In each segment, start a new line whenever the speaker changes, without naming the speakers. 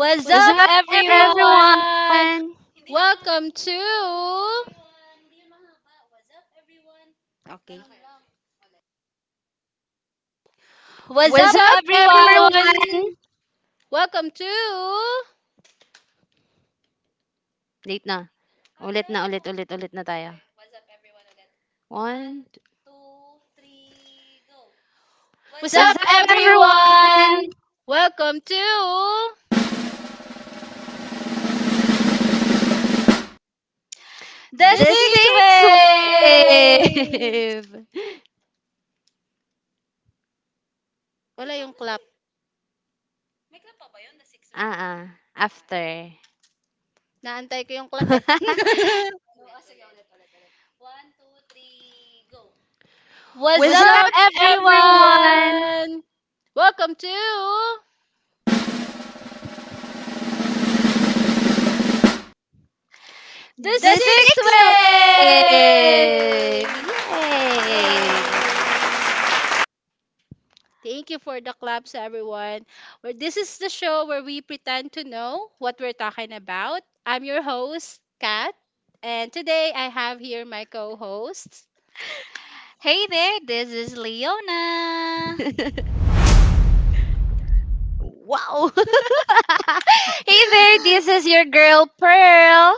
What's
up,
up,
everyone?
everyone?
What's
What's
up,
up,
everyone?
everyone? Late na. Ulit na, ulit, ulit, ulit na tayo. One. Two. What's
What's up,
up, everyone?
everyone? The
The
Six
six
Way!
wave. Ah, ah. After.
What's
What's
up,
up,
everyone?
everyone?
The
The
Six
sixth wave.
Way!
Yay!
Hey there, this is Leona.
Wow. Hey there, this is your girl Pearl.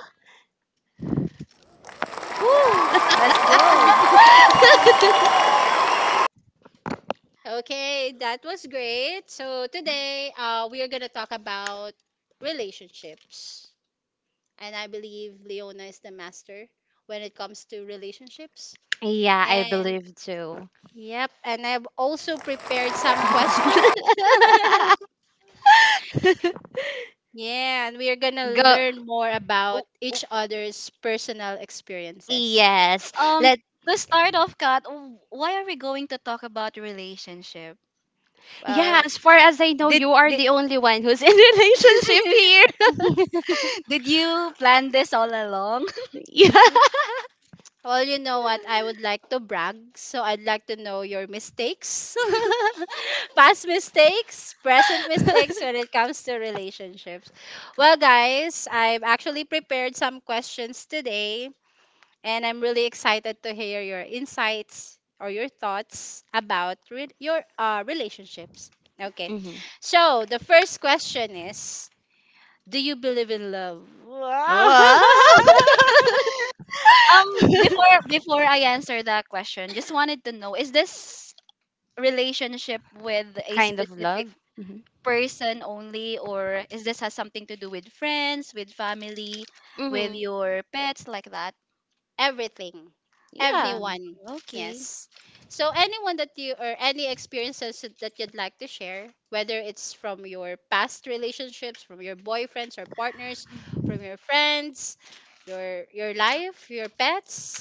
Woo! Let's go.
Yeah, I believe too. Go.
Oh,
Yes.
Um,
Let.
to start off, Kat, why are we going to talk about relationship?
Yeah, as far as I know, you are
Did,
the only one who's in relationship here.
did you plan this all along?
Yeah. hmm Wow.
Um, before I answer that question, just wanted to know: is this relationship with a
Kind of
specific
love.
person only, or is this has something to do with friends, with family, with
Hmm
your pets, like that?
Yeah.
Mm, Okay.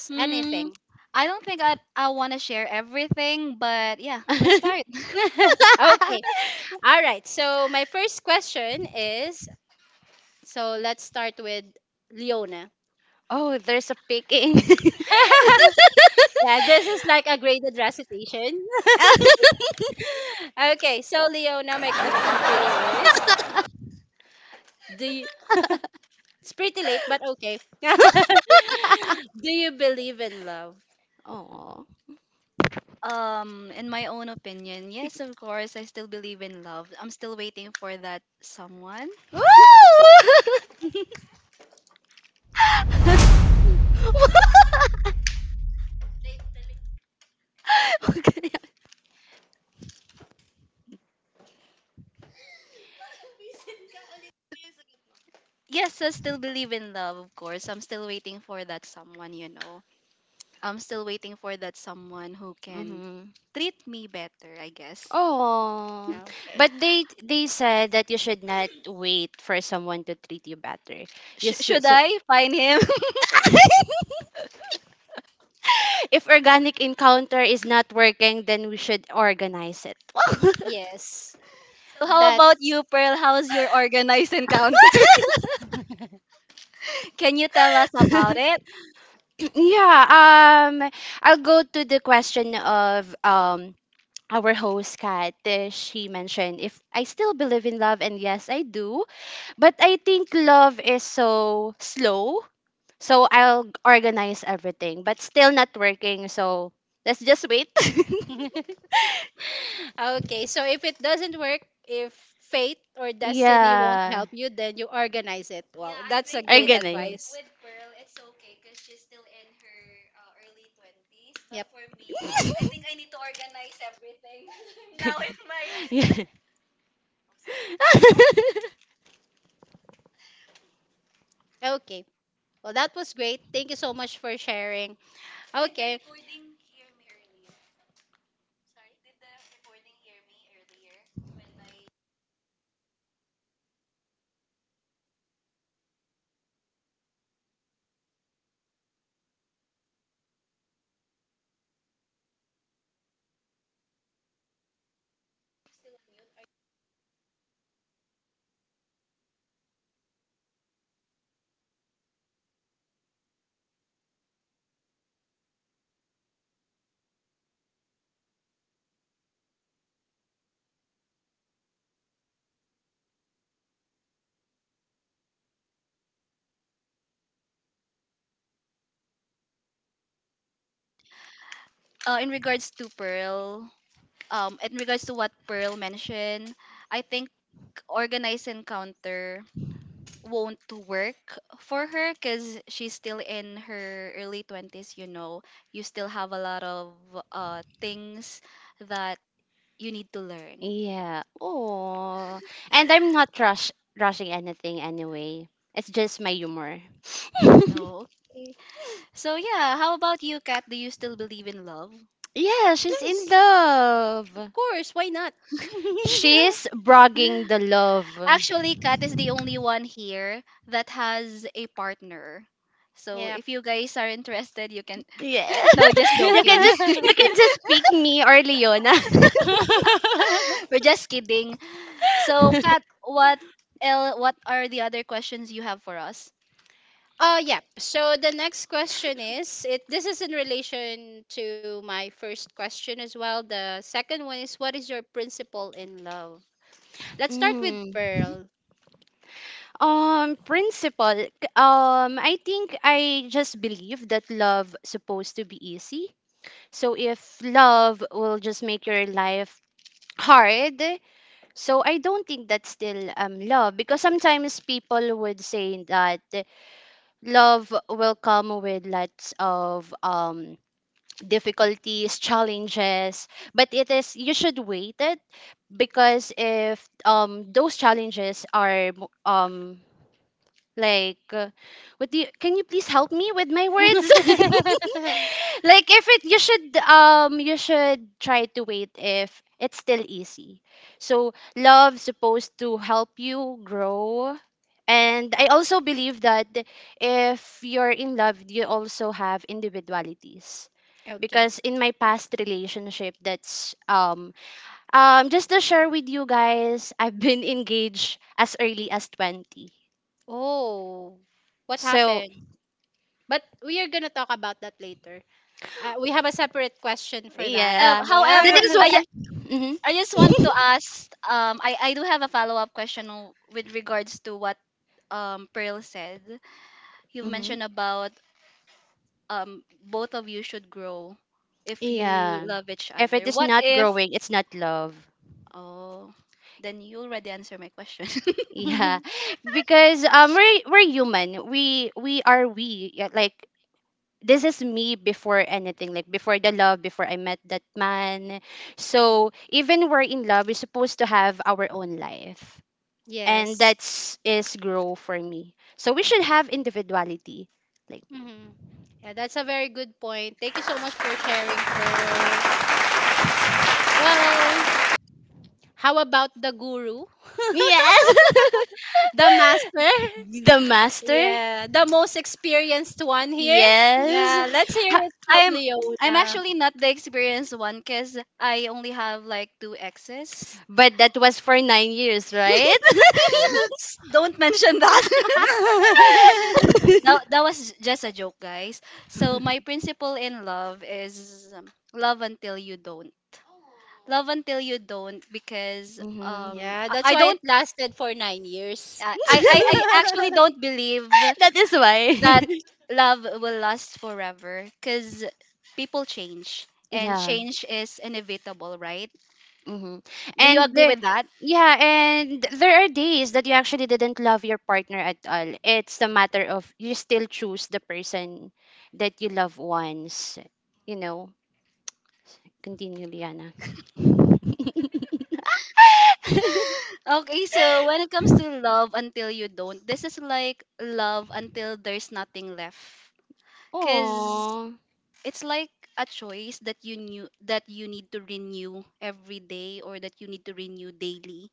Hmm. I don't think I want to share everything, but yeah, let's start.
Oh, there's a picking. Aw.
In my own opinion, yes, of course, I still believe in love. I'm still waiting for that someone.
Woo! Okay.
Yes, I still believe in love, of course. I'm still waiting for that someone, you know. I'm still waiting for that someone who can
Mm-hmm.
treat me better, I guess.
Oh, but they said that you should not wait for someone to treat you better. You should.
Should
So,
I find him?
if organic encounter is not working, then we should organize it.
How about you, Pearl? How's your organized encounter? Can you tell us about it?
Yeah, I'll go to the question of our host Kat. She mentioned if I still believe in love, and yes, I do. But I think love is so slow, so I'll organize everything, but still not working. So let's just wait. Yeah, organize. Yeah.
In regards to Pearl, in regards to what Pearl mentioned, I think organized encounter won't work for her because she's still in her early 20s, you know. You still have a lot of things that you need to learn.
Yeah. Oh. And I'm not rushing anything anyway. It's just my humor.
Oh, okay. So yeah, how about you, Kat? Do you still believe in love?
Yeah, she's in love. She's bragging the love.
Actually, Kat is the only one here that has a partner. So if you guys are interested, you can,
Yeah.
no, just
you can
joking.
just you can just pick me or Leona.
We're just kidding. So, Kat, what what are the other questions you have for us?
Mm. Principle. I think I just believe that love supposed to be easy. So if love will just make your life hard, so I don't think that's still love, because sometimes people would say that love will come with lots of difficulties, challenges, but it is you should wait it because if those challenges are like, what do you, can you please help me with my words? Like, if it, you should try to wait if it's still easy. So, love supposed to help you grow. And I also believe that if you're in love, you also have individualities. Because in my past relationship, that's just to share with you guys, I've been engaged as early as 20. So,
Um,
yeah. That
however,
is
I
why.
ju-
hmm
I just want to ask. I do have a follow up question with regards to what Pearl said. You've
hmm
mentioned about both of you should grow if you
Yeah.
love each
If
other.
it is
What
not
if?
growing, it's not love.
Oh, then you already answered my question.
Yeah. Because we're human. We are we. Yeah, like this is me before anything, like before the love, before I met that man. So even we're in love, we're supposed to have our own life. And that's is grow for me. So we should have individuality. Like, yes. The master? Yes. Ha-
I'm I'm actually not the experienced one because I only have like two exes.
But that was for 9 years, right?
Don't mention that. that. That was just a joke, guys. So my principle in love is love until you don't. Love until you don't because
hmm
I don't I actually don't believe
that is
that
why.
love will last forever because people change and
Yeah.
change is inevitable, right?
Mm-hmm.
Do you
And
agree
there,
with that?
yeah, and there are days that you actually didn't love your partner at all. It's a matter of you still choose the person that you love once, you know. Continue, Liana.
Okay, so when it comes to love until you don't, this is like love until there's nothing left. Cause
Oh,
it's like a choice that you knew that you need to renew every day or that you need to renew daily,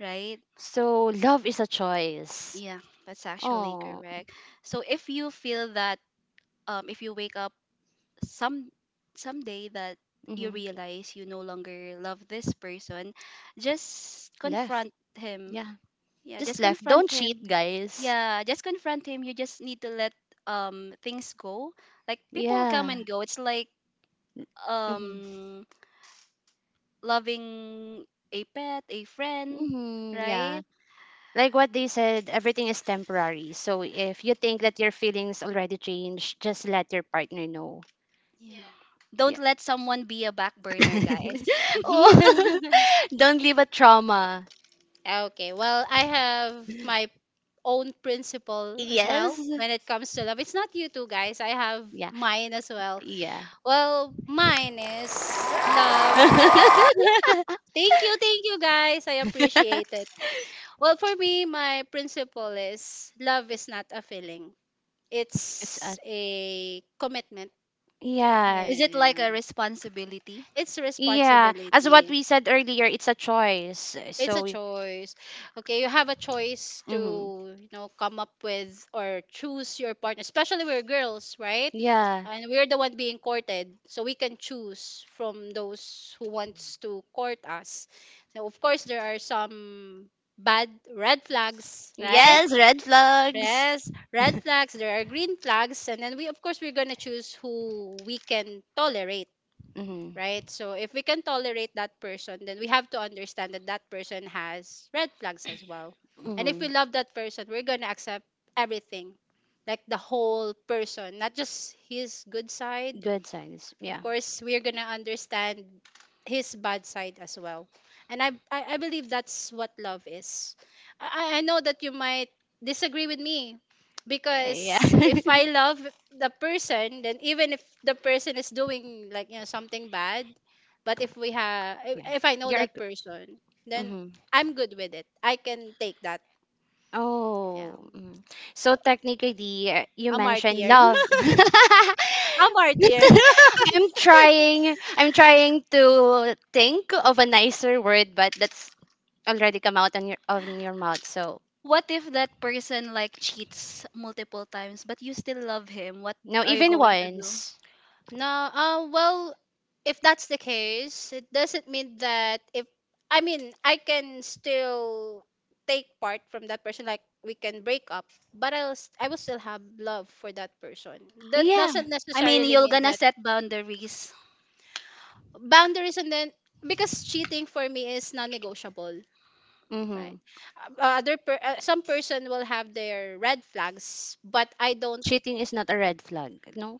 right?
so love is a choice.
Yeah, that's actually
Oh,
correct. So if you feel that if you wake up some someday that you
hmm
realize you no longer love this person, just
left.
confront him.
Yeah,
Yeah,
just
just
left.
confront
Don't cheat,
him.
guys.
Yeah, just confront him. You just need to let things go. Like people come
Yeah.
and go. It's like
Mm-hmm.
um loving a pet, a friend,
Mm-hmm. Yeah.
right?
Like what they said, everything is temporary. So if you think that your feelings already changed, just let your partner know.
Yeah.
Yeah.
Don't let someone be a back burner, guys.
Oh, don't leave a trauma. Yes. Yeah. Yeah. It's a- yeah.
Is it like a responsibility?
Yeah. As what we said earlier, it's a choice. So, mm-hmm. Yeah. Yes, red flags. Mhm. Mhm. Good signs. Yeah. Yeah. Yeah. You're good. Mm-hmm. Oh, mm. So technically, you mentioned love. I'm trying. I'm trying to think of a nicer word, but that's already come out on your mouth. So
What if that person like cheats multiple times, but you still love him? What,
no,
no, are you
even
going to do? Always.
once. Yeah.
I mean, you're gonna set boundaries.
Mm-hmm. Cheating is not a red flag. No.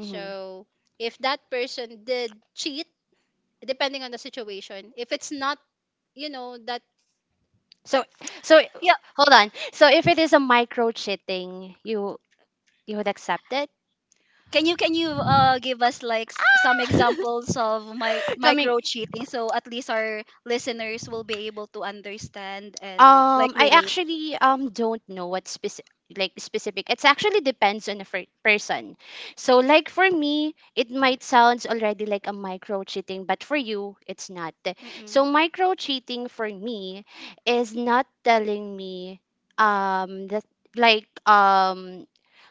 Mm-hmm. So
So,
so
yeah.
hold on. So if it is a micro cheating, you would accept it?
Can you give us like some examples of my
Coming.
micro cheating so at least our listeners will be able to understand and like
I
relate.
actually don't know what specific, like specific. It's actually depends on the person. So like for me, it might sounds already like a micro cheating, but for you, it's not. So micro cheating for me is not telling me that like um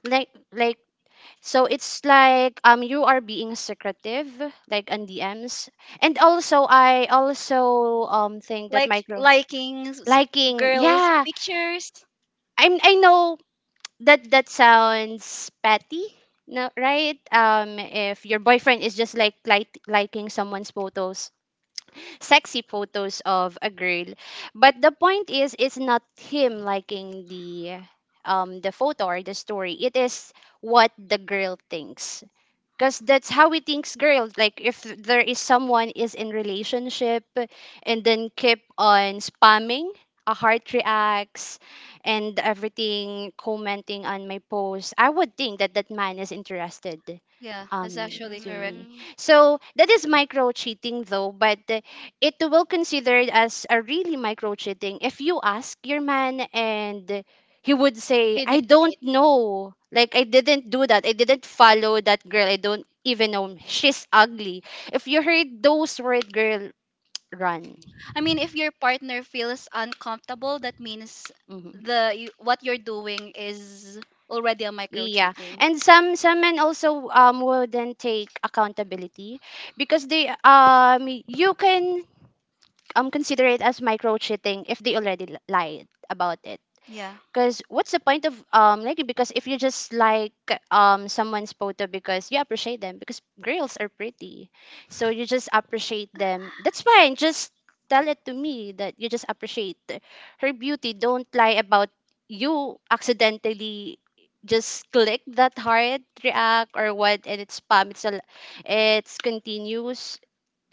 like like so it's like you are being secretive, like on DMs. And
And also,
also I
I,
also think that
like
micro
liking liking
liking,
girls, yeah,
yeah.
pictures.
I know that that sounds petty, no, right? If your boyfriend is just like liking someone's photos, sexy photos of a girl, but the point is, it's not him liking the photo or the story. It is what the girl thinks, because that's how we thinks girl, like if there is someone is in relationship and then keep on spamming a heart reacts and everything commenting on my post, I would think that that man is interested
Yeah, that's
um
actually
to
correct.
me. So that is micro cheating though. But it will considered as a really micro cheating if you ask your man and he would say I don't know, like I didn't do that, I didn't follow that girl, I don't even know, she's ugly. If you heard those words, girl, run.
I mean, if your partner feels uncomfortable, that means
hmm
what you're doing is already a micro
yeah.
cheating.
And some men also wouldn't take accountability because they you can consider it as micro cheating if they already lied about it.
Yeah.
Because what's the point of liking? Because if you just like someone's photo because you appreciate them, because girls are pretty, so you just appreciate them, that's fine. Just tell it to me that you just appreciate her beauty. Don't lie about you accidentally just click that heart react or what, and it's spam, it's a, it's continuous.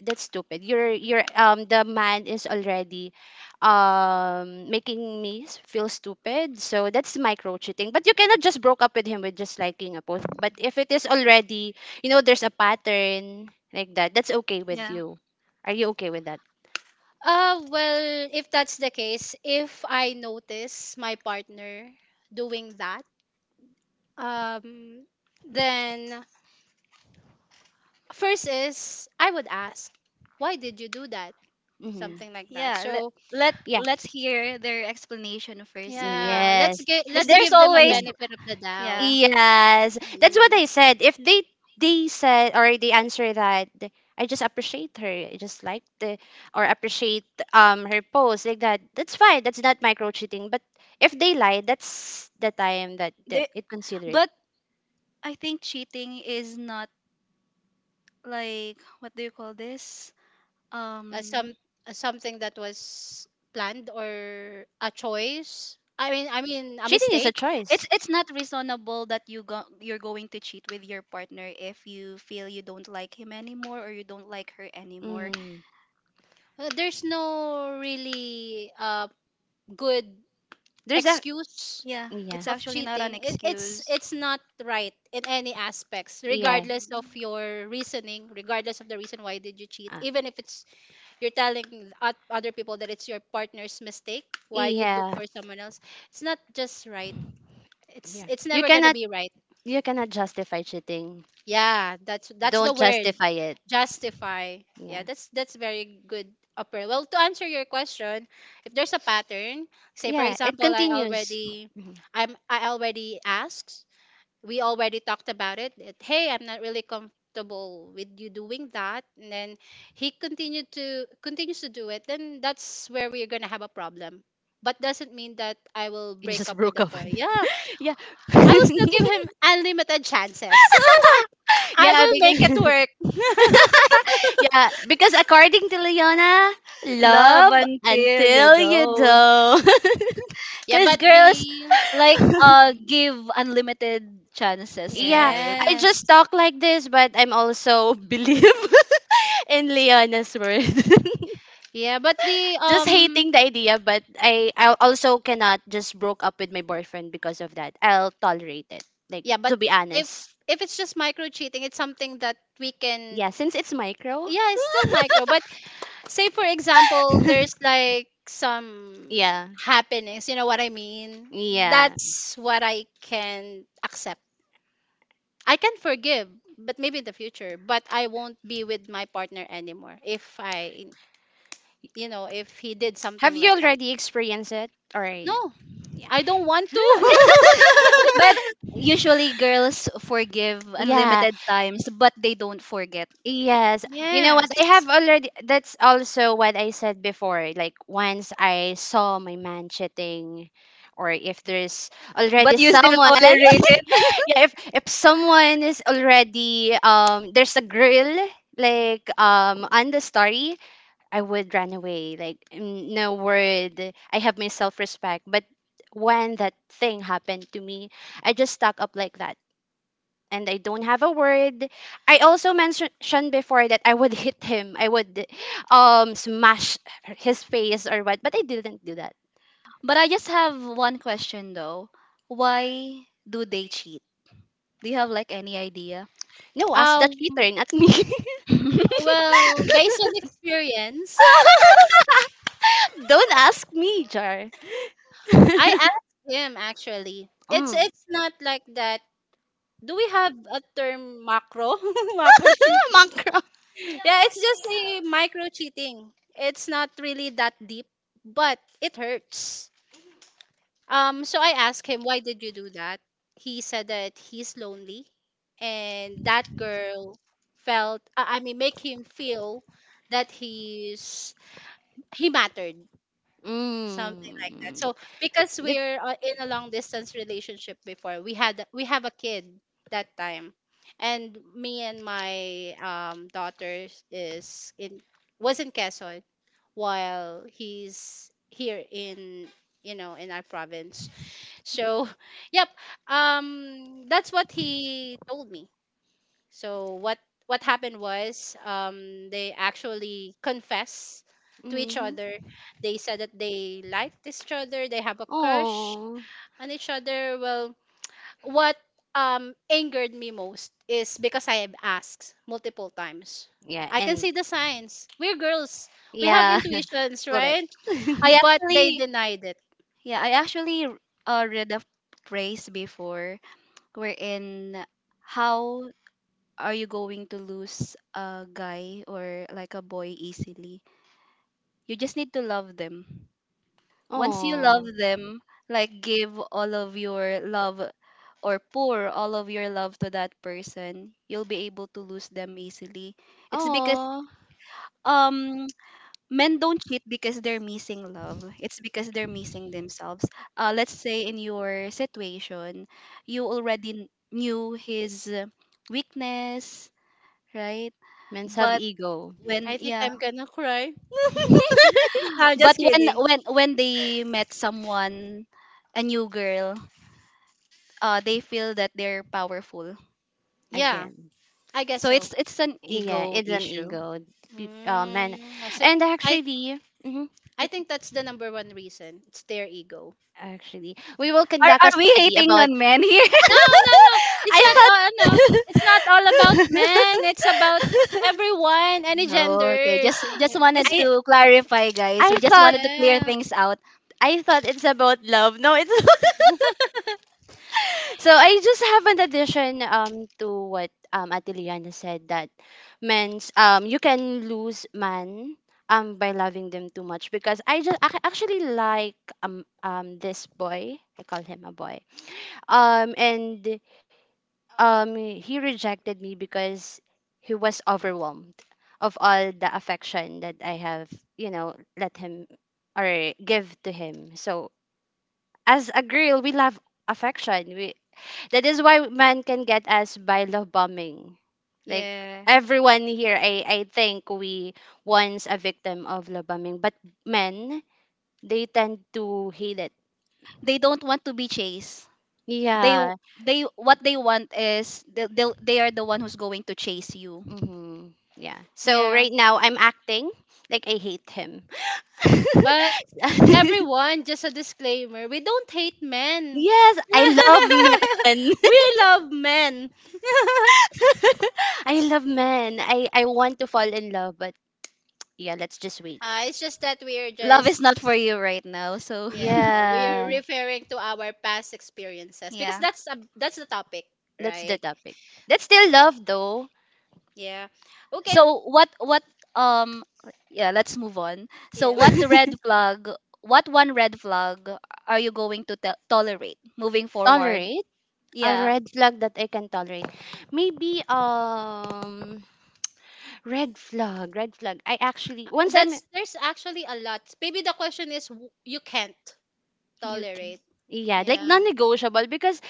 That's stupid. You're the man is already making me feel stupid. So that's micro cheating. But you cannot just broke up with him with just liking a post. But if it is already, you know, there's a pattern like that, that's okay with
Yeah.
you. Are you okay with that? Mm-hmm.
Yeah. Let
Yeah.
let's hear their explanation first, right?
Yes.
Because
That's
there's always,
yeah.
yeah.
Yes. That's what I said. If they said or they answer that I just appreciate her. I just like the or appreciate her post like that. That's fine. That's not micro cheating. But if they lie, that's the time that
There,
the, it considered
but I think cheating is not like what do you call this? Um.
cheating is a
It's
choice.
not reasonable that you're going to cheat with your partner if you feel you don't like him anymore or you don't like her anymore.
hmm
There's
There's
a-
a,
Yeah,
yeah.
it's actually not an excuse.
Yeah.
Mm.
Uh, yeah. Yeah. You cannot you cannot justify cheating. Don't justify it. Yeah. Yeah, it continues. Mhm. You just broke up with- yeah. Yeah, because yeah, because according to Leona,
Love
love
until you
until you
don't.
don't.
Cause girls like give unlimited chances,
Yeah,
right?
I just talk like this, but I'm also believe in Leona's word. Just hating the idea, but I also cannot just broke up with my boyfriend because of that. I'll tolerate it. Like, to be honest. Yeah, since it's micro. Yeah. Yeah. Have you already experienced it? Or no? Yeah.
But usually girls forgive
Yeah,
unlimited times, but they don't forget.
yes. You know what? I have already, that's also what I said before. Like, once I saw my man cheating, or if there's
But
already
you still
someone,
tolerate it.
yeah, if someone is already there's a girl like on the story, I would run away. Like mm, no word. I have my self respect. But when that thing happened to me, I just stuck up like that. And I don't have a word. I also mentioned before that I would hit him. I would smash his face or what, but I didn't do that.
But I just have one question though. Why do they cheat? Do you have like any idea?
No, ask the cheater, not me. Don't ask me, Jar. Mm. Mangkra. Mm. That- yeah, and yeah, for that.
I actually, yeah, I actually read a phrase before wherein how are you going to lose a guy or like a boy easily? You just need to love them. Once you love them, like give all of your love or pour all of your love to that person, you'll be able to lose them easily. It's because um men don't cheat because they're missing love. It's because they're missing themselves. Let's say in your situation, you already knew his weakness, right?
Men have
But
ego.
when yeah, but when they met someone, a new girl, they feel that they're powerful.
Again.
So it's an
Yeah,
ego
it's an
issue.
ego. Peop- uh, men, and actually, hmm actually, we will conduct a
Are we
study
hating
about
on men here?
I thought
No, okay. Just wanted
I
to clarify, guys.
I
We just
thought
wanted to clear things out.
I thought it's about love. No, it's so I just have an addition to what Atiliana said that men's you can lose man by loving them too much. Because I just I actually like this boy, I call him a boy, and he rejected me because he was overwhelmed of all the affection that I have, you know, let him or give to him. So as a girl, we love affection. We, that is why man can get us by love bombing. Like everyone here, I think we once a victim of love bombing, but men, they tend to hate it.
They don't want to be chased. They
Yeah.
they what they want is they are the one who's going to chase you.
Yeah. So right now I'm acting like I hate him. Yes, I love men. I love men. I want to fall in love, but yeah, let's just wait.
Love is not for you right now. So
Yeah,
yeah.
that's the topic. That's still love though.
So what um yeah, let's move on. So what red flag, what one red flag are you going to tolerate moving forward?
Tolerate. A
Yeah,
red flag that I can tolerate. Maybe red flag, red flag. I actually once I'm
you can.
yeah, like non-negotiable. Because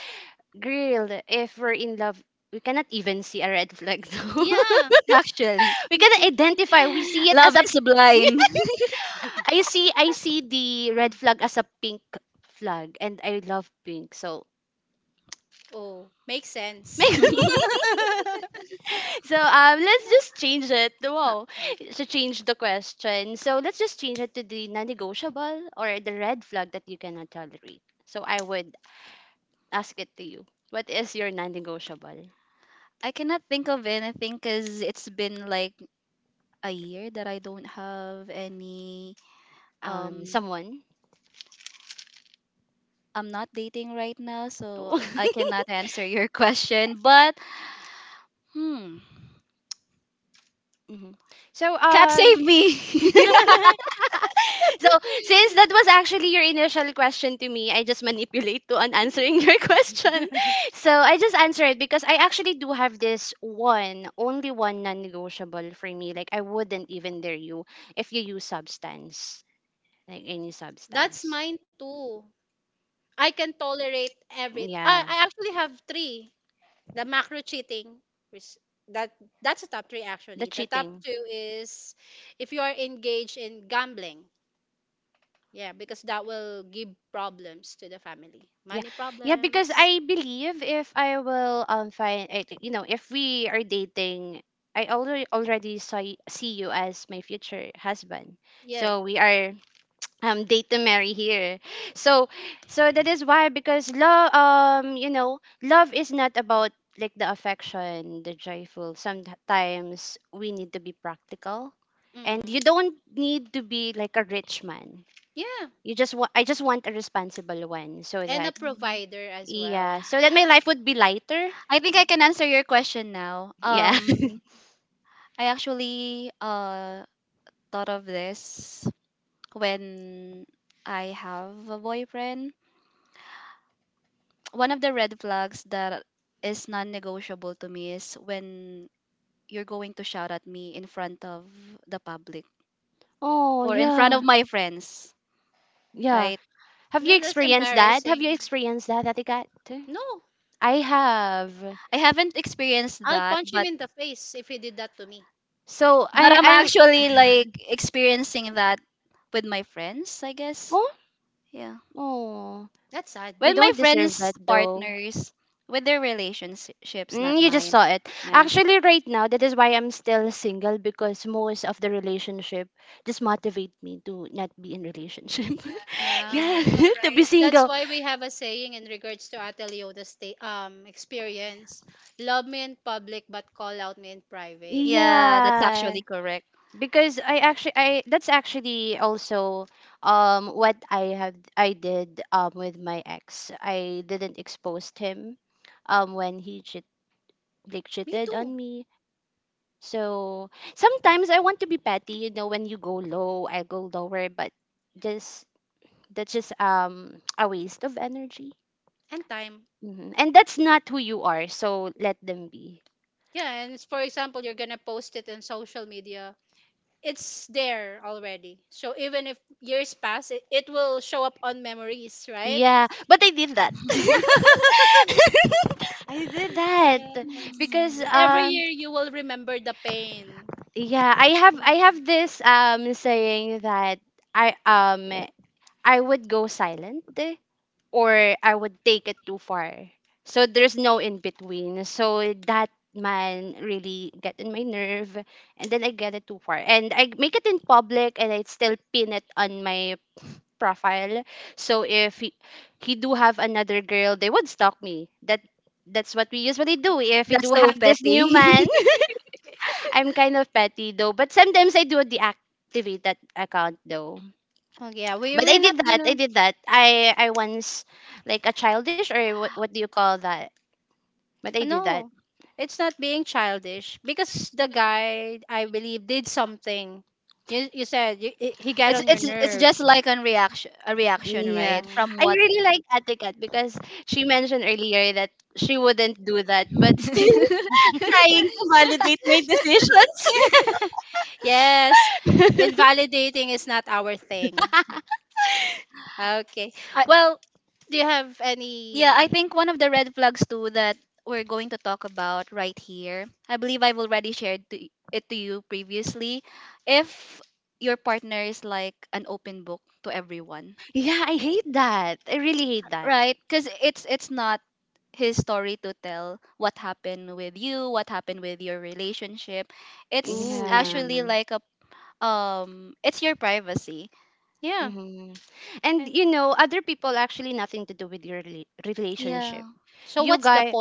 girl, if we're in love, we cannot even see a red flag, though.
Actually,
We cannot identify. We see it
love
as a
is blind.
I see, I see the red flag as a pink flag, and I love pink. So so let's just change it.
Uh,
Wow. To change the question. So let's just change it to the non-negotiable or the red flag that you cannot tolerate. So I would ask it to you. What is your non-negotiable?
I cannot think of anything because it's been like a year that I don't have any, um
Someone.
I'm not dating right now, so I cannot answer your question. But hmm,
Mhm. So
cat save me.
so since that was actually your initial question to me, I just manipulate to on answering your question. So I just answer it because I actually do have this one, only one non-negotiable for me. Like I wouldn't even dare you if you use substance, like any substance. Yeah, the cheating. Yeah. Yeah, because I believe if I will find I think, if we are dating, I already saw see you as my future husband. So we are date to marry here. So that is why because love is not about like the affection, the joyful. Sometimes we need to be practical. And you don't need to be like a rich man, I just want a responsible one so that yeah, so that my life would be lighter.
I think I can answer your question now.
Yeah.
I actually thought of this when I have a boyfriend. One of the red flags that is non-negotiable to me is when you're going to shout at me in front of the public
Oh,
or in front of
yeah.
my friends,
Yeah.
right?
Have you experienced that? Have you experienced that, Atikat? I have.
I haven't experienced that, but
So
But
I
I'm actually
I'm
like experiencing that with my friends, I guess.
oh,
Yeah.
oh. We
With my
don't deserve
friends'
that though.
partners, with their relationships, not
Mm, you just
mine.
saw it.
Yeah.
Actually, right now, that is why I'm still single because most of the relationship just motivate me to not be in relationship. Yeah, to be single.
Yeah, that's
Yeah,
actually correct.
because I actually, I that's actually also what I did with my ex. I didn't expose him when he cheated on me. So sometimes I want to be petty, when you go low, I go lower, but just that's just a waste of energy. And that's not who you are, so let them be. Yeah, but I did that. I did that because
Mm.
yeah, I have this saying that I um I would go silent or I would take it too far. So there's no in between. So that man really get in my nerve and then I get it too far. And I make it in public and I still pin it on my profile. So if he do have another girl, they would stalk me. That's what we usually do. If we
That's
do have
so
this new
petty.
man, I'm kind of petty though. But sometimes I do deactivate that account though. But I did that. I did that. I once like a childish or what do you call that? But I did that.
It's just like an reaction a reaction,
Yeah.
right? From
I
what?
really like Ate Kat because she mentioned earlier that she wouldn't do that, but still trying to validate my decisions.
I, yeah, I think one of the red flags too that we're going to talk about right here. I believe I've already shared it to you previously. If your partner is like an open book to everyone,
Yeah, I hate that. I really hate that.
right? Because it's not his story to tell what happened with you, what happened with your relationship. It's
Yeah.
actually like a, it's your privacy.
hmm And other people actually nothing to do with your relationship.
Yeah,
You guys,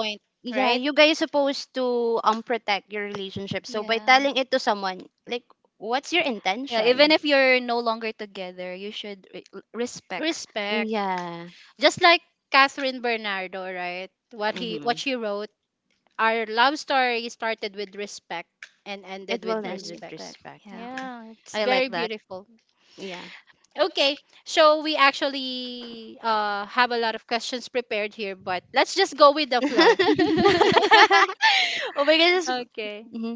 yeah, you guys supposed to protect your relationship, so by
yeah.
telling it to someone, like, what's your
Yeah, even
intention?
if you're no longer together, you should respect.
Yeah. hmm it will
With
end with
respect.
respect.
Yeah. I like that.
Yeah. Oh my goodness. Hmm.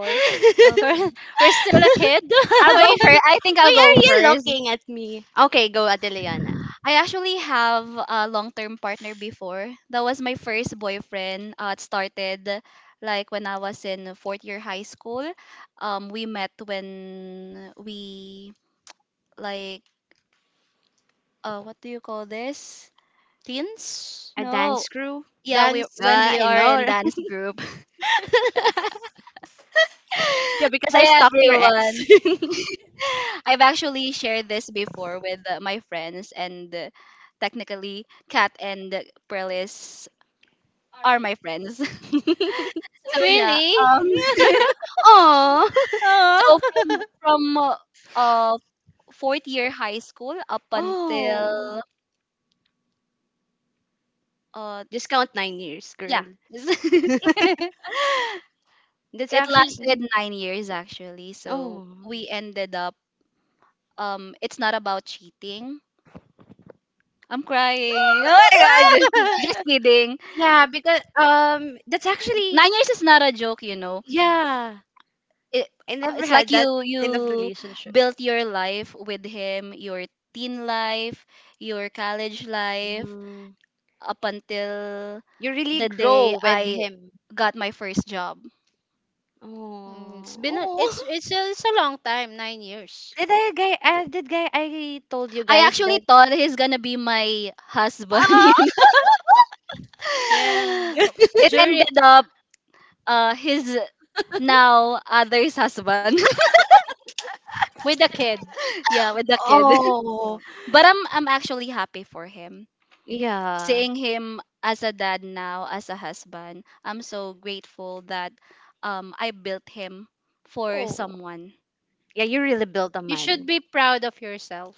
Okay.
why
I think
why
I'll go
are you
first.
looking at me? Okay, go, Adeliana.
I actually have a long-term partner before. That was my first boyfriend. It started like when I was in fourth year high school. We met when we like, what do you call this?
A
No,
dance crew.
yeah, we when
Ah,
we
I
are in
know.
dance group.
Yeah, because I
Hi
stalked your ex.
everyone. I've actually shared this before with my friends, and technically, Kat and Perlis are my friends. So yeah,
Oh.
so from uh, fourth year high school up until
Oh,
uh
just count 9 years,
yeah,
girl. That's
it
actually. Mhm.
lasted 9 years actually. So
Oh,
we ended up, it's not about cheating. I'm crying. Oh my god, just kidding,
yeah, because that's actually.
9 years is not a joke, you know.
Yeah,
it,
I never
it's like
had that
you
kind of relationship.
built your life with him, your teen life, your college life,
Mhm.
up until
You really
the day
grow with
I
him.
got my first job.
Oh, oh. Did I guy? Did guy? I told you
I
guys
actually
that.
thought he's gonna be my husband.
Oh.
You know, it ended up, his now other's husband, yeah, with the kid.
Oh,
But I'm actually happy for him.
yeah.
Seeing him as a dad now, as a husband, I'm so grateful that I built him for
Oh,
someone.
yeah. You really built a man.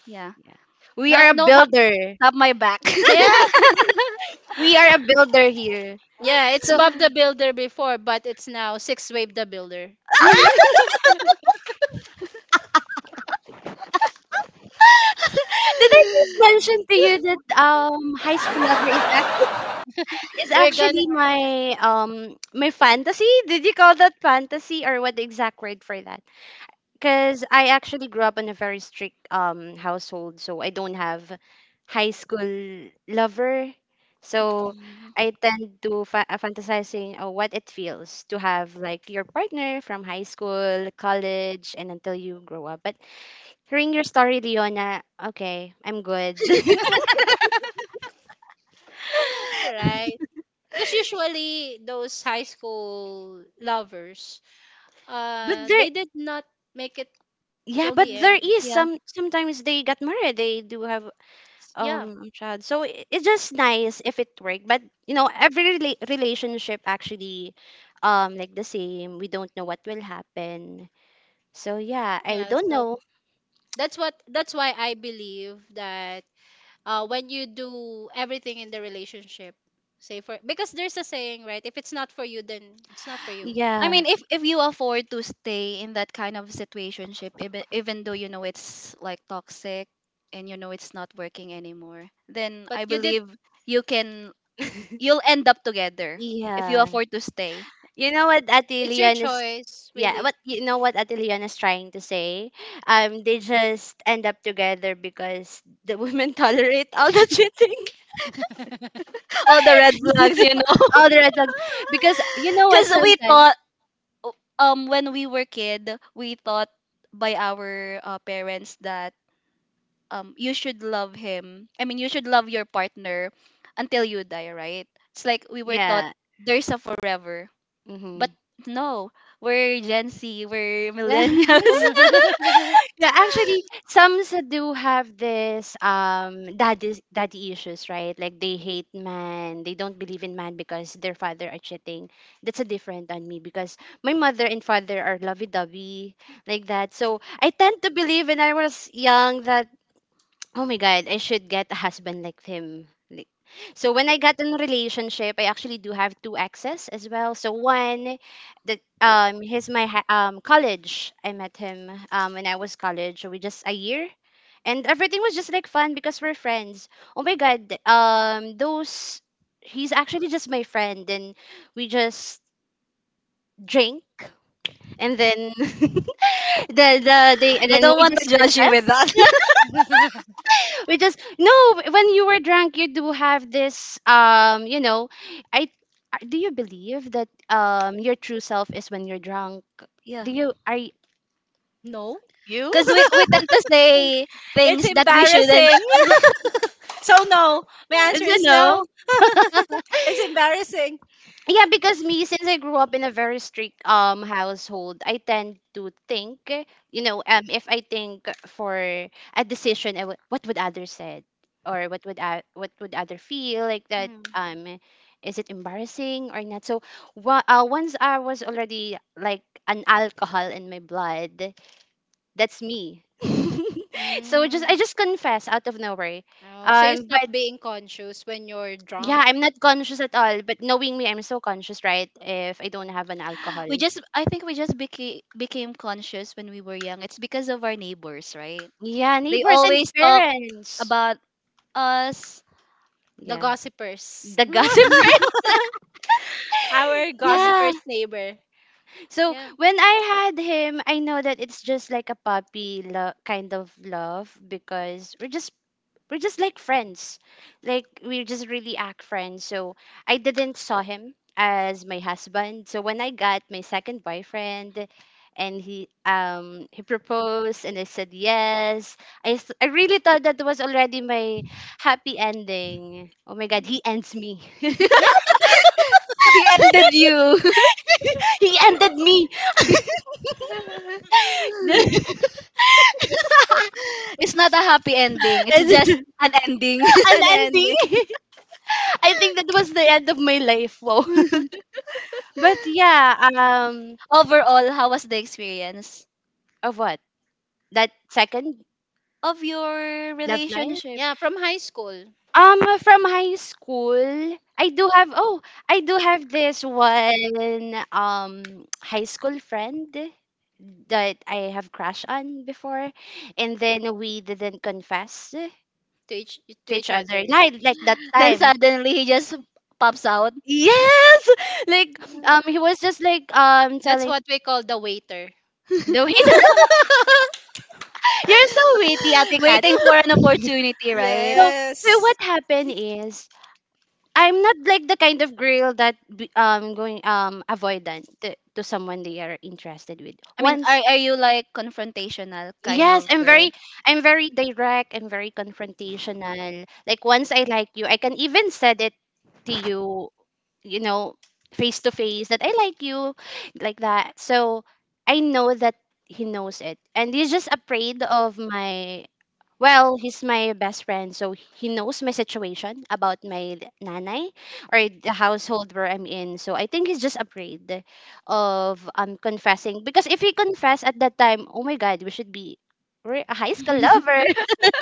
Yeah.
Yeah. We are a
Tap
builder.
tap my back.
We are a builder here. So did I just mention to you that high school lover is actually my my fantasy? Did you call that fantasy or what the exact word for that? Because I actually grew up in a very strict household, so I don't have high school lover. So
Mm.
I tend to fantasizing, what it feels to have like your partner from high school, college, and until you grow up. But hearing your story, Leona, okay, I'm good. But there, yeah, but there is
Yeah.
some. Sometimes they got married. They do have a child, so it's just nice if it worked. But every relationship actually, like the same. We don't know what will happen. So yeah, I don't know.
I
Yeah,
mean, if you afford to stay in that kind of situationship, even even though you know it's like toxic and you know it's not working anymore, then I believe you can, you'll end up together if you
yeah.
afford to stay.
You know what Ate Leon is, yeah, what, you know what Ate Leon is trying to say? They just end up together because the women tolerate all the cheating.
All the red flags, you know.
All the red flags. Because you know what
Because we
sometimes.
thought, when we were kid, we thought by our parents that you should love him. I mean, you should love your partner until you die, right? It's like we were taught
Yeah.
there's a forever, but
Mm-hmm.
no, we're Gen Z, we're millennials.
Yes.
Yeah, actually, some do have this daddy issues, right? Like they hate man, they don't believe in man because their father are cheating. That's a different on me because my mother and father are lovey dovey like that. So I tend to believe when I was young that, oh my God, I should get a husband like him. Like- So when I got in a relationship, I actually do have two exes as well. So one, that he's my college. I met him when I was college. We just a year, and everything was just like fun because we're friends. Oh my God, those he's actually just my friend, and we just drink, and then the they and
I
then
don't
we
want to
just
judge you
confess.
with that.
We just, no, when you were drunk, you do have this, i do you believe that your true self is when you're drunk?
Yeah,
Do you are you?
because we tend to say things that we shouldn't.
It's a no. Yeah, because me, since I grew up in a very strict household, I tend to think, if I think for a decision, I would, what would others said, or what would other feel like that? Is it embarrassing or not? So, once I was already like an alcohol in my blood, that's me. So just I just confess out of nowhere. But yeah, I'm not conscious at all, but knowing me, I'm so conscious, right? If I don't have an alcohol.
We just I think we just became became conscious when we were young. It's because of our neighbors, right?
Yeah,
They
neighbors and
always talk
parents.
about us.
Yeah. The gossip, right? Yeah. So when I had him, I know that it's just like a puppy kind of love because we're just like friends. Like we just really act friends. So I didn't saw him as my husband. So when I got my second boyfriend and he proposed and I said yes. I really thought that was already my happy ending. Oh my god, he ends me.
He ended
He
you.
ended me.
It's not a happy ending. It's just an ending.
An ending. I think that was the end of my life. Wow. But yeah,
Overall, how was the experience
of what? That second
of your
love life?
relationship?
From high school, I do have, oh, I do have this one, high school friend that I have crush on before. And then we didn't confess to each other. Like that
Then
time.
suddenly he just pops out.
Yes! Like, he was just like, telling, no, he, you're so witty, Ate Kat.
Waiting for an opportunity, right?
So, what happened is, I'm not like the kind of girl that going avoidant to someone they are interested with.
I mean,
Once,
are you like confrontational kind
yes,
of girl?
I'm very direct, I'm very confrontational. Like once I like you, I can even said it to you, you know, face to face that I like you like that. So I know that he knows it and he's just afraid of my, well, he's my best friend, so he knows my situation about my nanay or the household where I'm in. So I think he's just afraid of confessing because if he confess at that time, oh my God, we should be we're a high school lover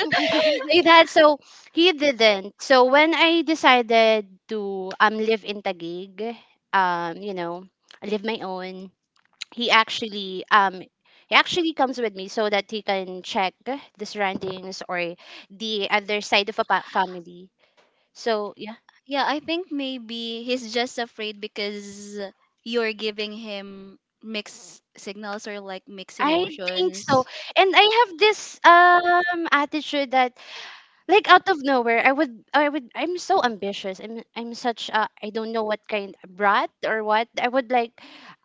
like that. So he didn't. So when I decided to live in Taguig, um you know, I live my own. He actually um he actually comes with me so that he can check the surroundings or the other side of a family, so yeah.
Yeah, I think maybe he's just afraid because you're giving him mixed signals or like mixed
I think so,
emotions.
and I have this attitude that, like, out of nowhere, I'm so ambitious. I'm such a, I don't know what kind of brat or what.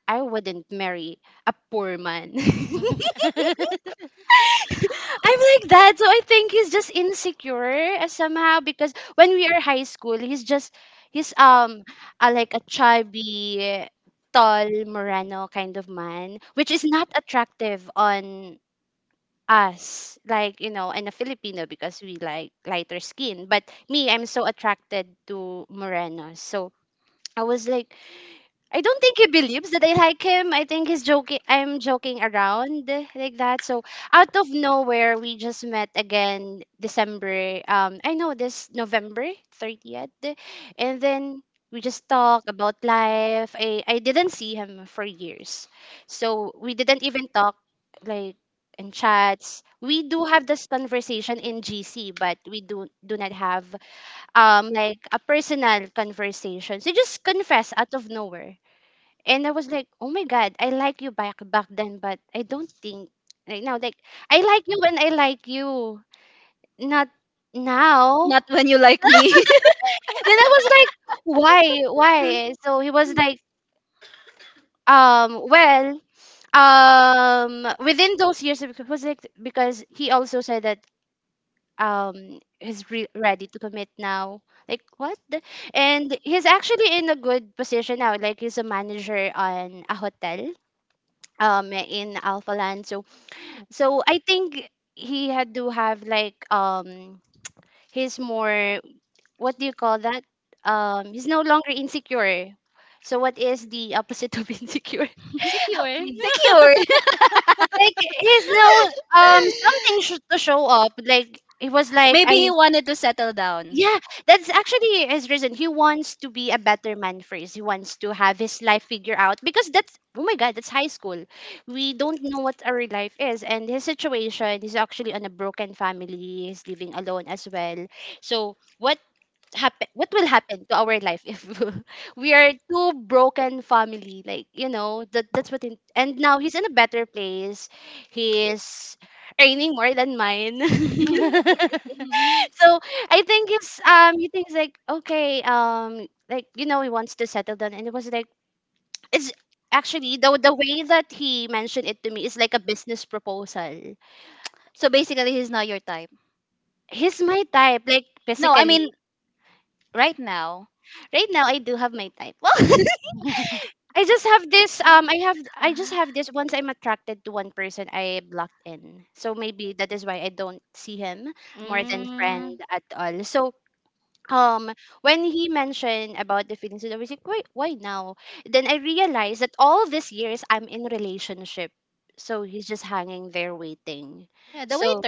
I wouldn't marry a poor man. I'm like that. So I think he's just insecure, somehow because when we are high school, he's like a chubby, tall Moreno kind of man, which is not attractive on us, like, in a Filipino because we like lighter skin. But me, I'm so attracted to Morenos. So I was like, I don't think he believes that I like him. I think he's joking. I'm joking around eh, like that. So out of nowhere, we just met again December. I know this November 30th, and then we just talk about life. I didn't see him for years, so we didn't even talk like in chats. We do have this conversation in GC, but we do not have like a personal conversation. So just confess out of nowhere, and I was like, oh my God, I like you back then, but I don't think right now. Like I like you when I like you, not now.
Not when you like me.
Then I was like, why, why? So he was like, well, within those years, it was like because he also said that ready to commit now. Like what? And he's actually in a good position now. Like he's a manager on a hotel in Alphaland. So I think he had to have like he's more, what do you call that? He's no longer insecure. So what is the opposite of insecure?
Secure.
Like he's no something to show up. Like he was like
Maybe
I.
he wanted to settle down.
Yeah, that's actually his reason. He wants to be a better man first. He wants to have his life figured out, because that's, oh my god, that's high school. We don't know what our life is, and his situation is actually on a broken family. He's living alone as well. So what happen? What will happen to our life if we are two broken family? Like you know that's what. In, and now he's in a better place. He's earning more than mine. So I think it's he thinks like okay, like you know he wants to settle down, and it was like it's actually the way that he mentioned it to me is like a business proposal.
So basically, he's not your type.
He's my type like
No, I mean,
physically.
right now.
Right now I do have my type. Well, I just have this I have I just have this, once I'm attracted to one person I blocked in. So maybe that is why I don't see him more than friend at all. So um when he mentioned about the feelings I was like why now, then I realized that all these years I'm in relationship, so he's just hanging there waiting, so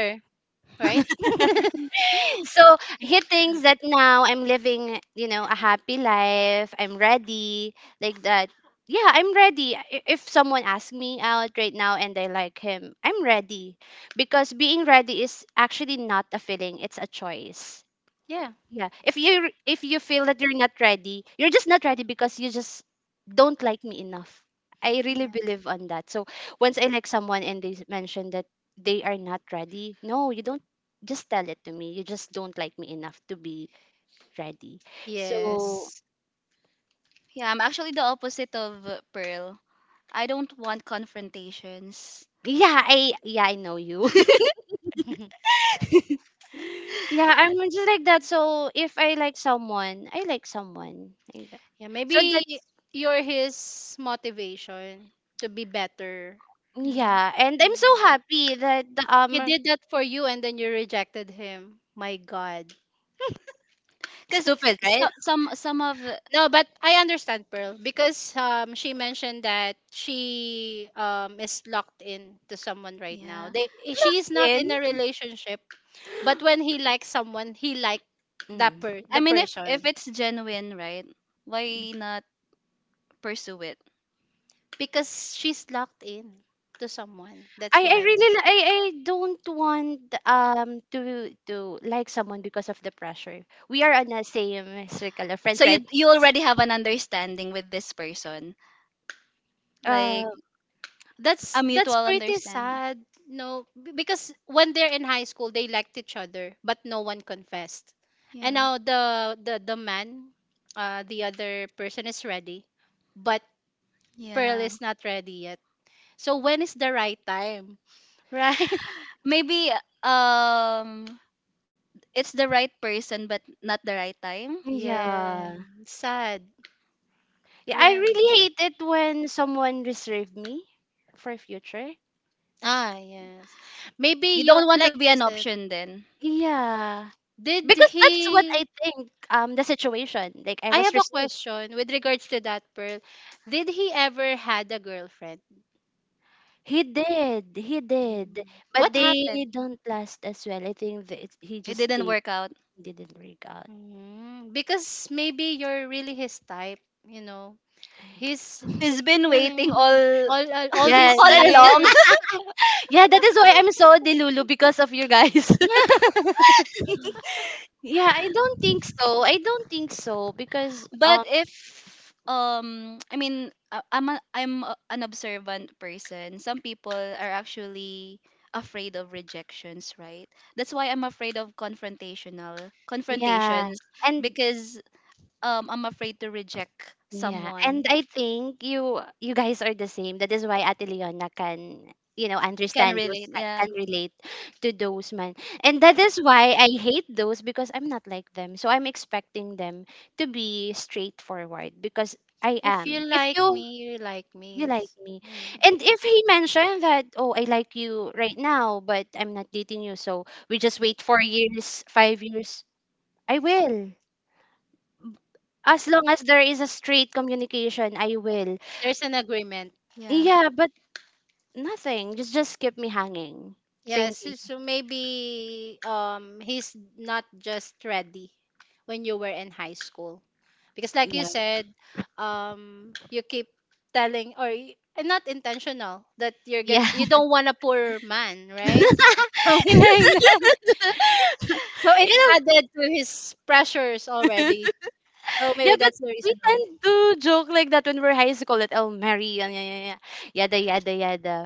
so he thinks that now I'm living, you know, a happy life, I'm ready, like that. Yeah, I'm ready, if someone asks me out right now and I like him, I'm ready, because being ready is actually not a feeling, it's a choice. Yeah. If you feel that you're not ready, you're just not ready, because you just don't like me enough. I really believe on that. So once I like someone and they mention that they are not ready, no, you don't just tell it to me. You just don't like me enough to be ready. So
Yeah, I'm actually the opposite of Pearl. I don't want confrontations.
yeah, I know you. Yeah, I'm just like that. So if I like someone, I like someone. Like that. So that's, yeah, and I'm so happy that the
Because
stupid,
so,
right?
yeah.
In.
I mean, if it's genuine, right? Why not pursue it?
I really I don't want to like someone because of the pressure. We are on the same circle of friends,
So
right?
you already have an understanding with this person,
Uh,
like a mutual understanding. Yeah. Yeah. Maybe um it's the right person but not the right time.
yeah. Yeah, I really hate it when someone reserve me for future.
You don't want to be an option then.
Yeah. Because that's what I think the situation. Like I was reserved. He did. He did. But they don't last as well. I think that it, he
It
just
didn't
did,
work out.
didn't work out.
He's been waiting all
Yeah,
all
that,
along.
yeah, that is why I'm so delulu because of you guys. Yeah, I don't think so. I don't think so because
But if I mean I'm an observant person. Some people are actually afraid of rejections, right? That's why I'm afraid of confrontational Yeah.
yeah,
confrontations
and
because I'm afraid to reject and
yeah,
someone.
and
And
I think you guys are the same. That is why Ate Leona can, you know,
Can
understand those
relate. Yeah.
can relate to those men, and that is why I hate those, because I'm not like them, so I'm expecting them to be straightforward, because I am.
You
If
like
you.
me.
You like me. And if he mentioned that, oh, I like you right now, but I'm not dating you, so we just wait 4 years, 5 years, I will. As long as there is a straight communication, I will.
Yeah.
Yeah, but nothing. Just keep me hanging, thinking. Yeah. Yeah. You know, yeah, but we tend to joke like that when we're high school that I'll marry, yada, yeah, yeah, yeah. Yada, yada, yada.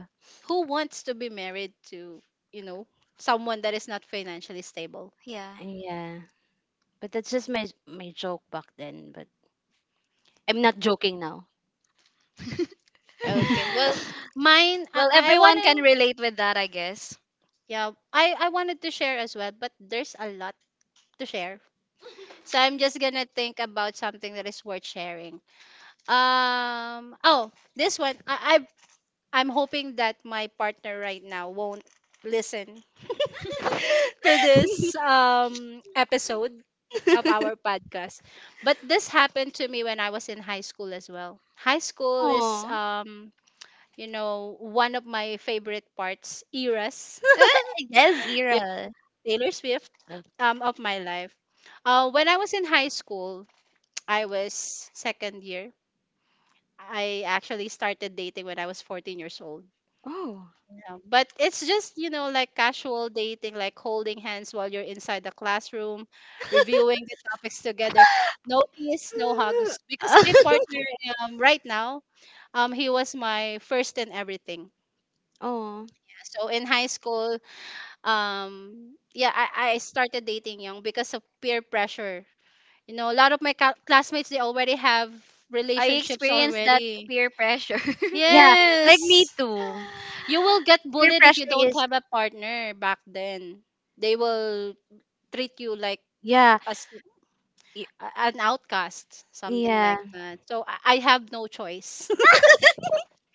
Yeah.
Yeah. But that's just my joke back then. But I'm not joking now.
Well, everyone can relate with that, I guess.
Oh, yes, Ira. Oh, oh,
I experienced that peer pressure.
yeah. Like me too. Peer pressure is, yeah, y- yeah.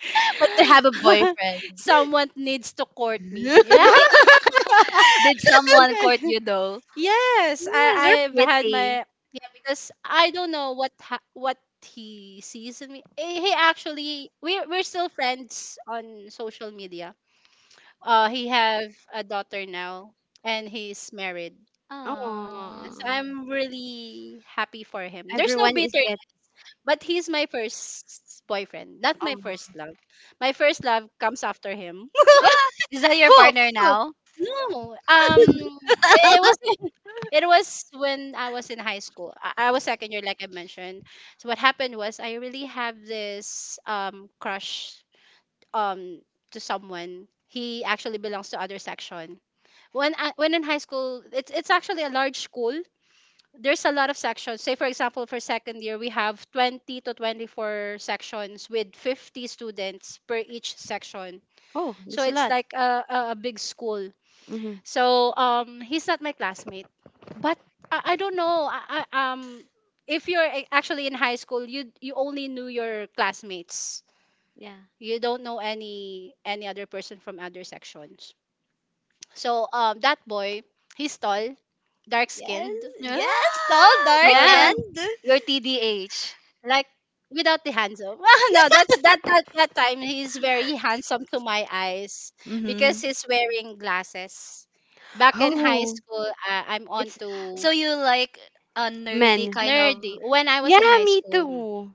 But to have a boyfriend.
Yeah. Did someone court you though?
Yes, we're pretty.
Ah.
Oh, everyone is get. Oh,
Ah, Is that your
oh,
partner
oh,
now?
oh. That's a lot. Mm-hmm. Yeah. Yes,
Ah,
yes, tall, dark,
Told that
and
your TDH.
mm-hmm. Oh, it's
So you like a nerdy
men.
kind of
Yeah, me too.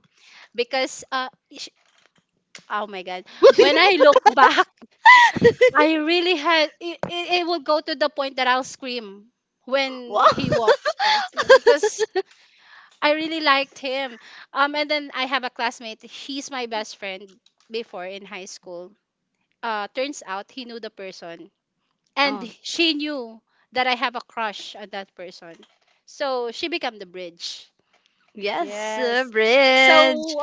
Wow. Oh, yes, bridge.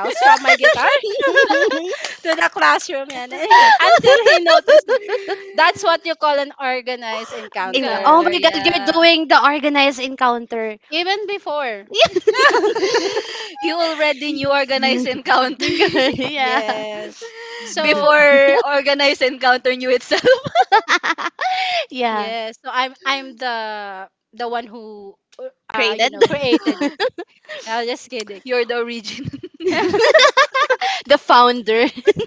In- oh
encounter,
my god, you're
yeah.
doing the organized encounter.
You already knew organized encounter
Yeah.
before organized encounter knew itself.
Yeah. Created.
You're the origin.
The founder.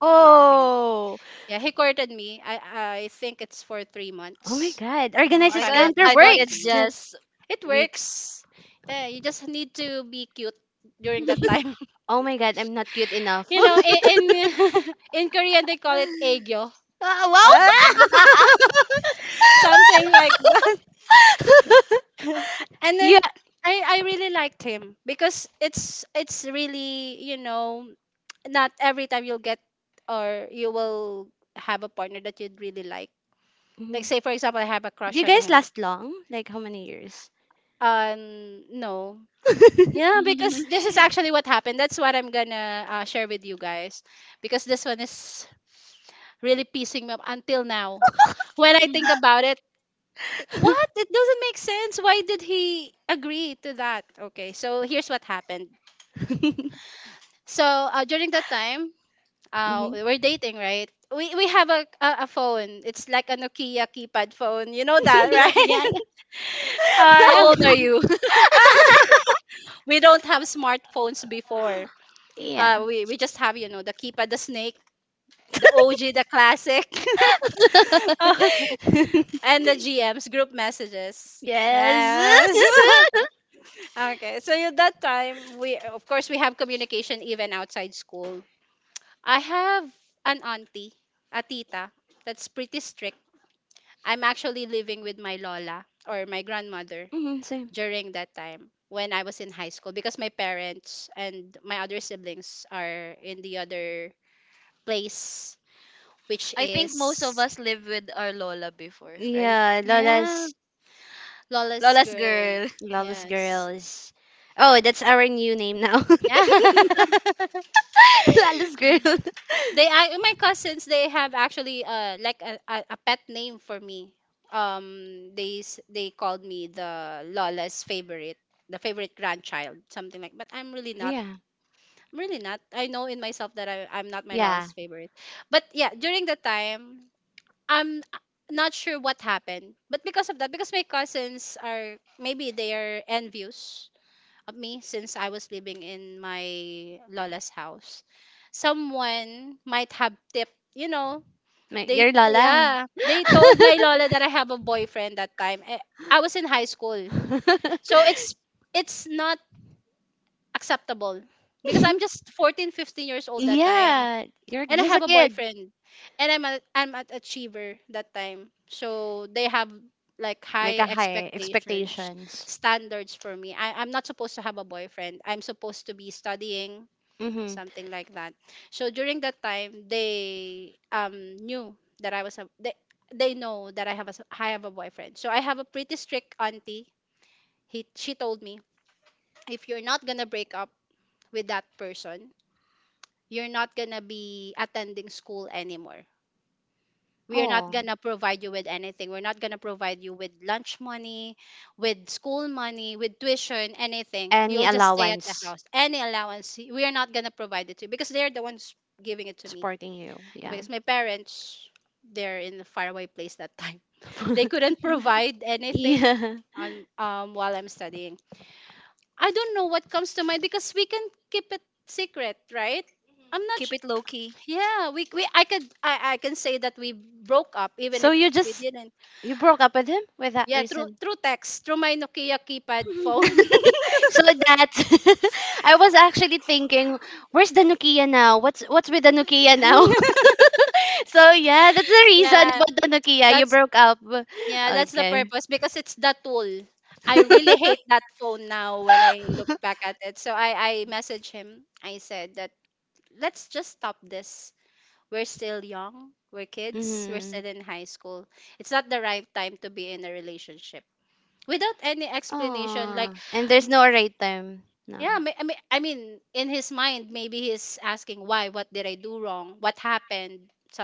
Oh. Oh my god.
Oh, I
Organizes
thought
counter
I thought it's
works.
just weeks.
Oh my god, I'm not cute enough. Ah, wow. Yeah. Mhm. Do you guys last long? Like how many years? Mhm. Yeah, yeah.
How old are you?
Yeah. Yes. Mhm, same.
I think most of us live with our Lola before, right?
Yeah, Lola's,
Lola's girl.
Lola's girls. Oh, that's our new name now. Lala's girl. Yeah. Yeah. My, your Lala. Yeah. You're just a kid. Like a high expectations. Mm-hmm. Oh, any allowance supporting you. Yeah. Yeah.
Keep it low key.
So you just, you broke up with him with that reason. So that, I was actually thinking, where's the Nokia now? What's with the Nokia now? So yeah, that's the reason about the Nokia. You broke up. Okay. Mm-hmm. Oh, and there's no right time. No.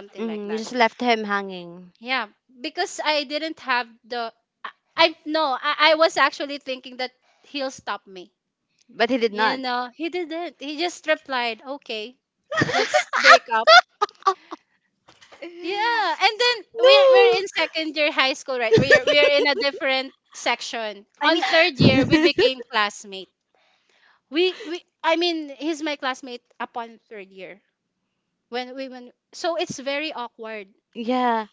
Hmm. You just left him hanging, but he did not. No.
I mean,
Yeah.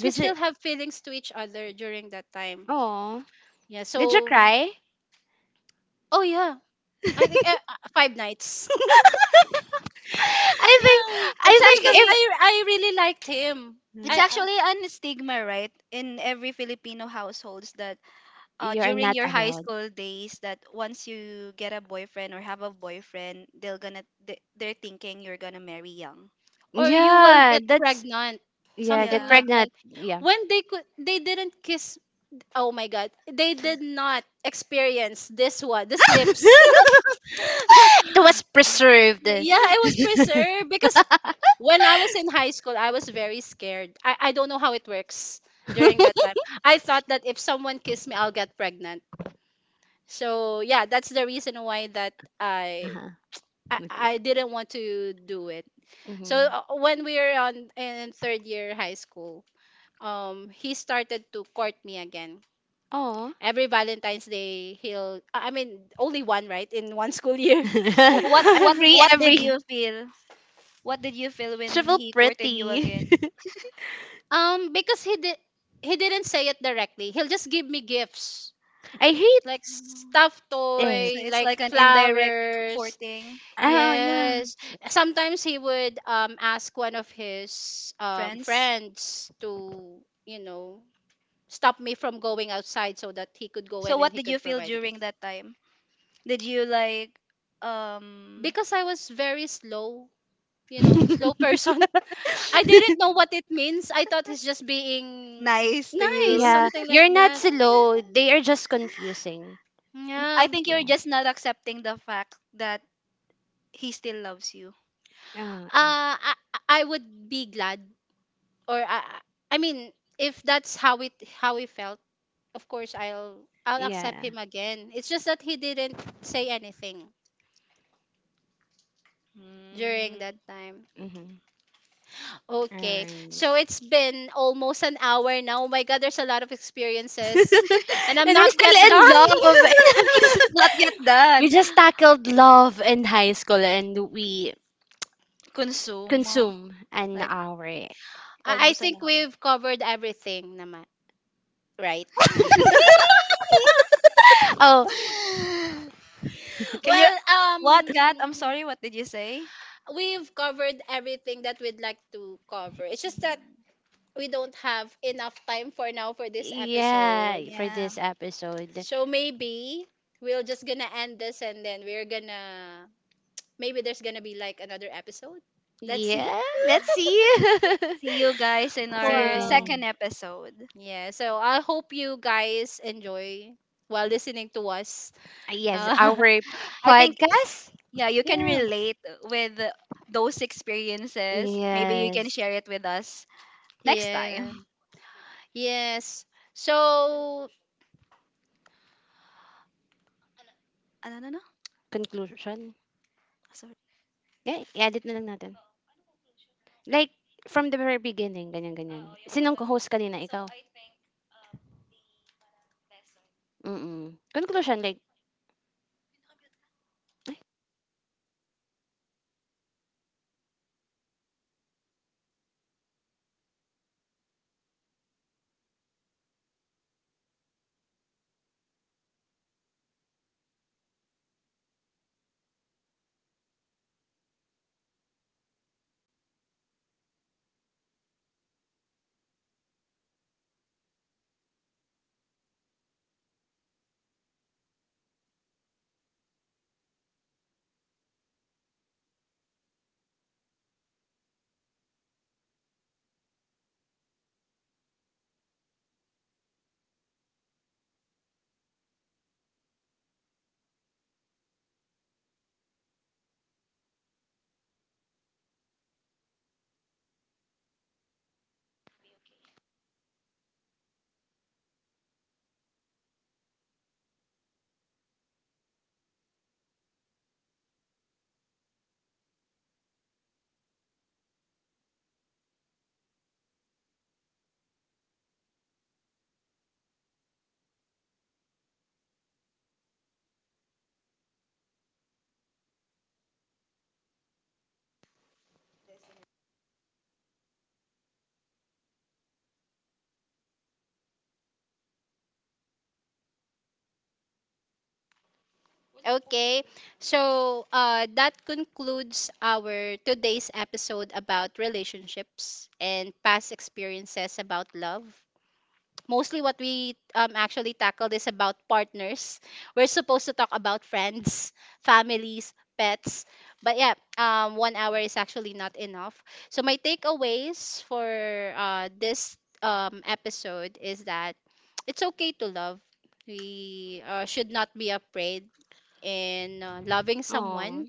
Did you? Oh, did you cry? I think
it's
I think if,
actually
mm,
it's actually an stigma, right? In every Filipino households that
you're
during
not
your high
allowed.
school days that once you get a boyfriend or have a boyfriend, they're thinking you're gonna marry young.
Yeah, that's, yeah, get
Yeah.
pregnant. Yeah. It was preserved. Uh-huh. Oh.
What what
every
what did
every
you feel? What did you feel when
shovel
he courted you
pretty.
again?
I hate
Mm.
it.
So it's like an indirect courting
Oh yeah.
friends. So what did you feel during that time? Did you like um nice to you?
Yeah. You're not slow. They are just confusing.
Mm, I think
Yeah.
you're just not accepting the fact that he still loves you.
Uh, yeah.
Mm.
Mm-hmm. All right. And we're still in love. And high school.
Not yet
We
done.
just tackled love in high school, and we
Consume
consume an
Like
hour.
almost an hour.
Oh,
Can you what Kat? I'm sorry, what did you say? Mm,
yeah, for
yeah.
this episode. Yeah, let's see.
See you guys in
See you
our second
again.
episode.
Yes, our
I think
podcast.
yeah, you can relate with those experiences. Maybe you can
Yes.
share it with us next time. Ano, ano, ano?
Conclusion.
Sorry.
Yeah, i-edit na lang natin. Like, from the very beginning, ganyan, ganyan. Sinong host kanina, ikaw? Mm-mm. Conclusion, like, oh.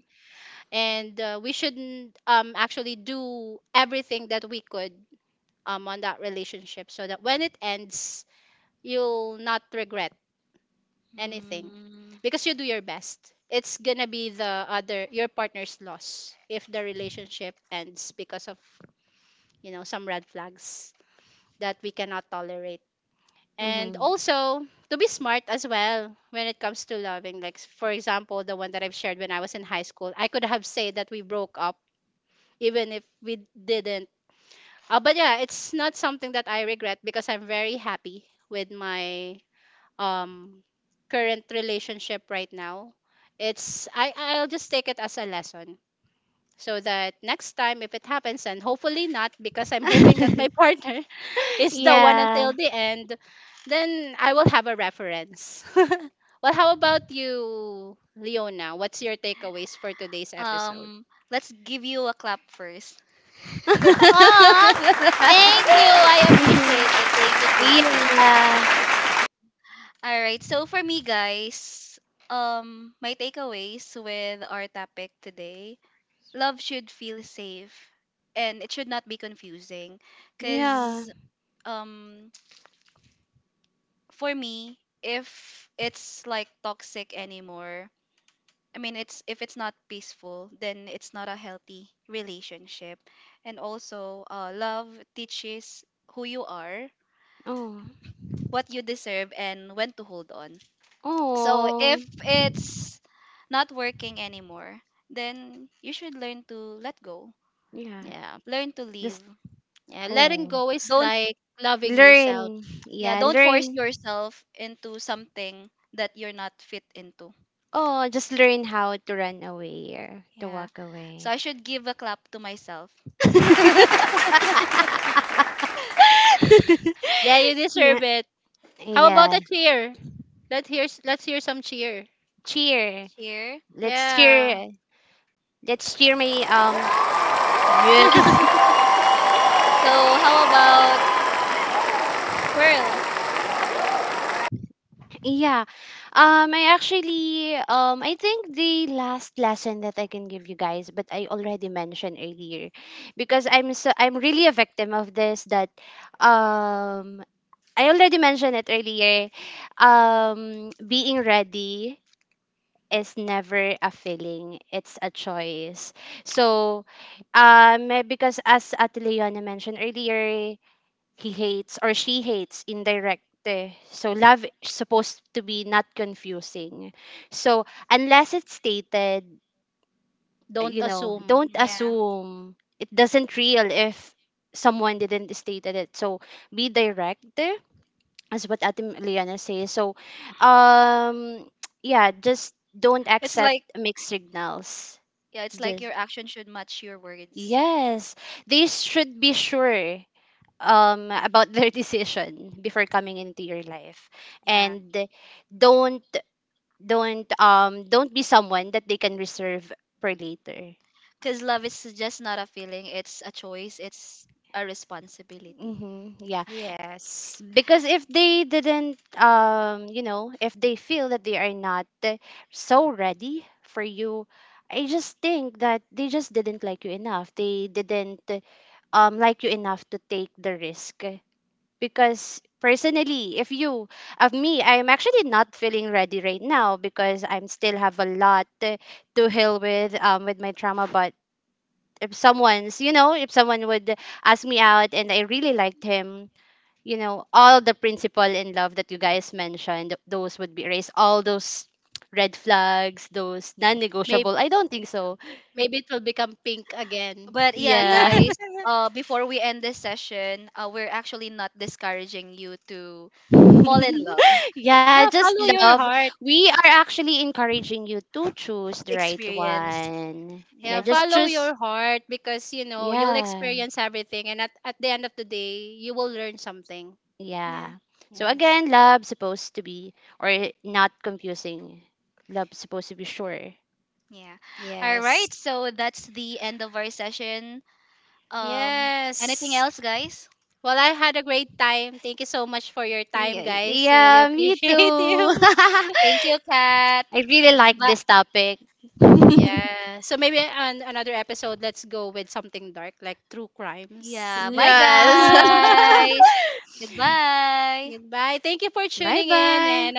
Mm,
Mm-hmm. Yeah.
um, let's give you a clap first.
Oh, thank! I appreciate it. Thank you. Thank you.
Yeah.
All right. So for me, guys, my takeaways with our topic today: love should feel safe, and it should not be confusing.
Yeah.
Cause um, for me, if it's like toxic anymore, I mean, it's if it's not peaceful, then it's not a healthy relationship. And also, love teaches who you are,
Oh.
what you deserve, and when to hold on. So
Oh.
if it's not working anymore, then you should learn to let go,
Yeah.
learn to leave.
Just oh.
Don't
Learn.
yeah,
Yeah,
don't force
learn.
yourself into something that you're not fit into.
Oh, just learn how to run away or to
Yeah.
walk
So
away.
I should give a clap to myself
Yeah. Yeah. Cheer.
here.
Let's cheer. Let's cheer my yeah.
So how about Pearl?
Yeah. I actually I think the last lesson that I can give you guys, but I already mentioned earlier, because I'm really a victim of this, that um I already mentioned it earlier. Being ready is never a feeling, it's a choice. So, because as Atiliana mentioned earlier, he hates or she hates indirect. Eh. So, love is supposed to be not confusing. So, unless it's stated, you know, don't
Yeah.
assume it doesn't real if someone didn't stated it. So, be direct eh, as what Ate Liana says. So, um, yeah, just don't
It's
accept
like
mixed signals.
yeah, it's like
Just
your action should match your words.
yes, they should be sure about their decision before coming into your life,
Yeah.
and don't don't be someone that they can reserve for later.
Because love is just not a feeling, it's a choice, it's a responsibility.
Mm-hmm. Yeah. Because if they didn't you know if they feel that they are not so ready for you, I just think that they just didn't like you enough, they didn't like you enough to take the risk, because personally if you of me I'm actually not feeling ready right now, because I'm still have a lot to heal with my trauma, but if someone's you know if someone would ask me out and I really liked him, you know all the principle and love that you guys mentioned, those would be erased, all those red flags, those non-negotiable, I don't think so.
But yeah,
Yeah.
guys, before we end this session, we're actually not discouraging you to fall in love,
Yeah,
No,
just
follow your
love,
heart.
we are actually encouraging you to choose the right
experience.
one, yeah
Yeah.
just choose. Yeah.
Yeah.
Yeah. So again love supposed to be or not confusing, love supposed to be sure.
Yeah. All right. So that's the end of our session. Um, anything else, guys?
Yeah, yeah, me too. I
Thank you, Kat.
really like
But
this topic.
yeah, bye,
Yes.
guys. Goodbye.
Bye bye.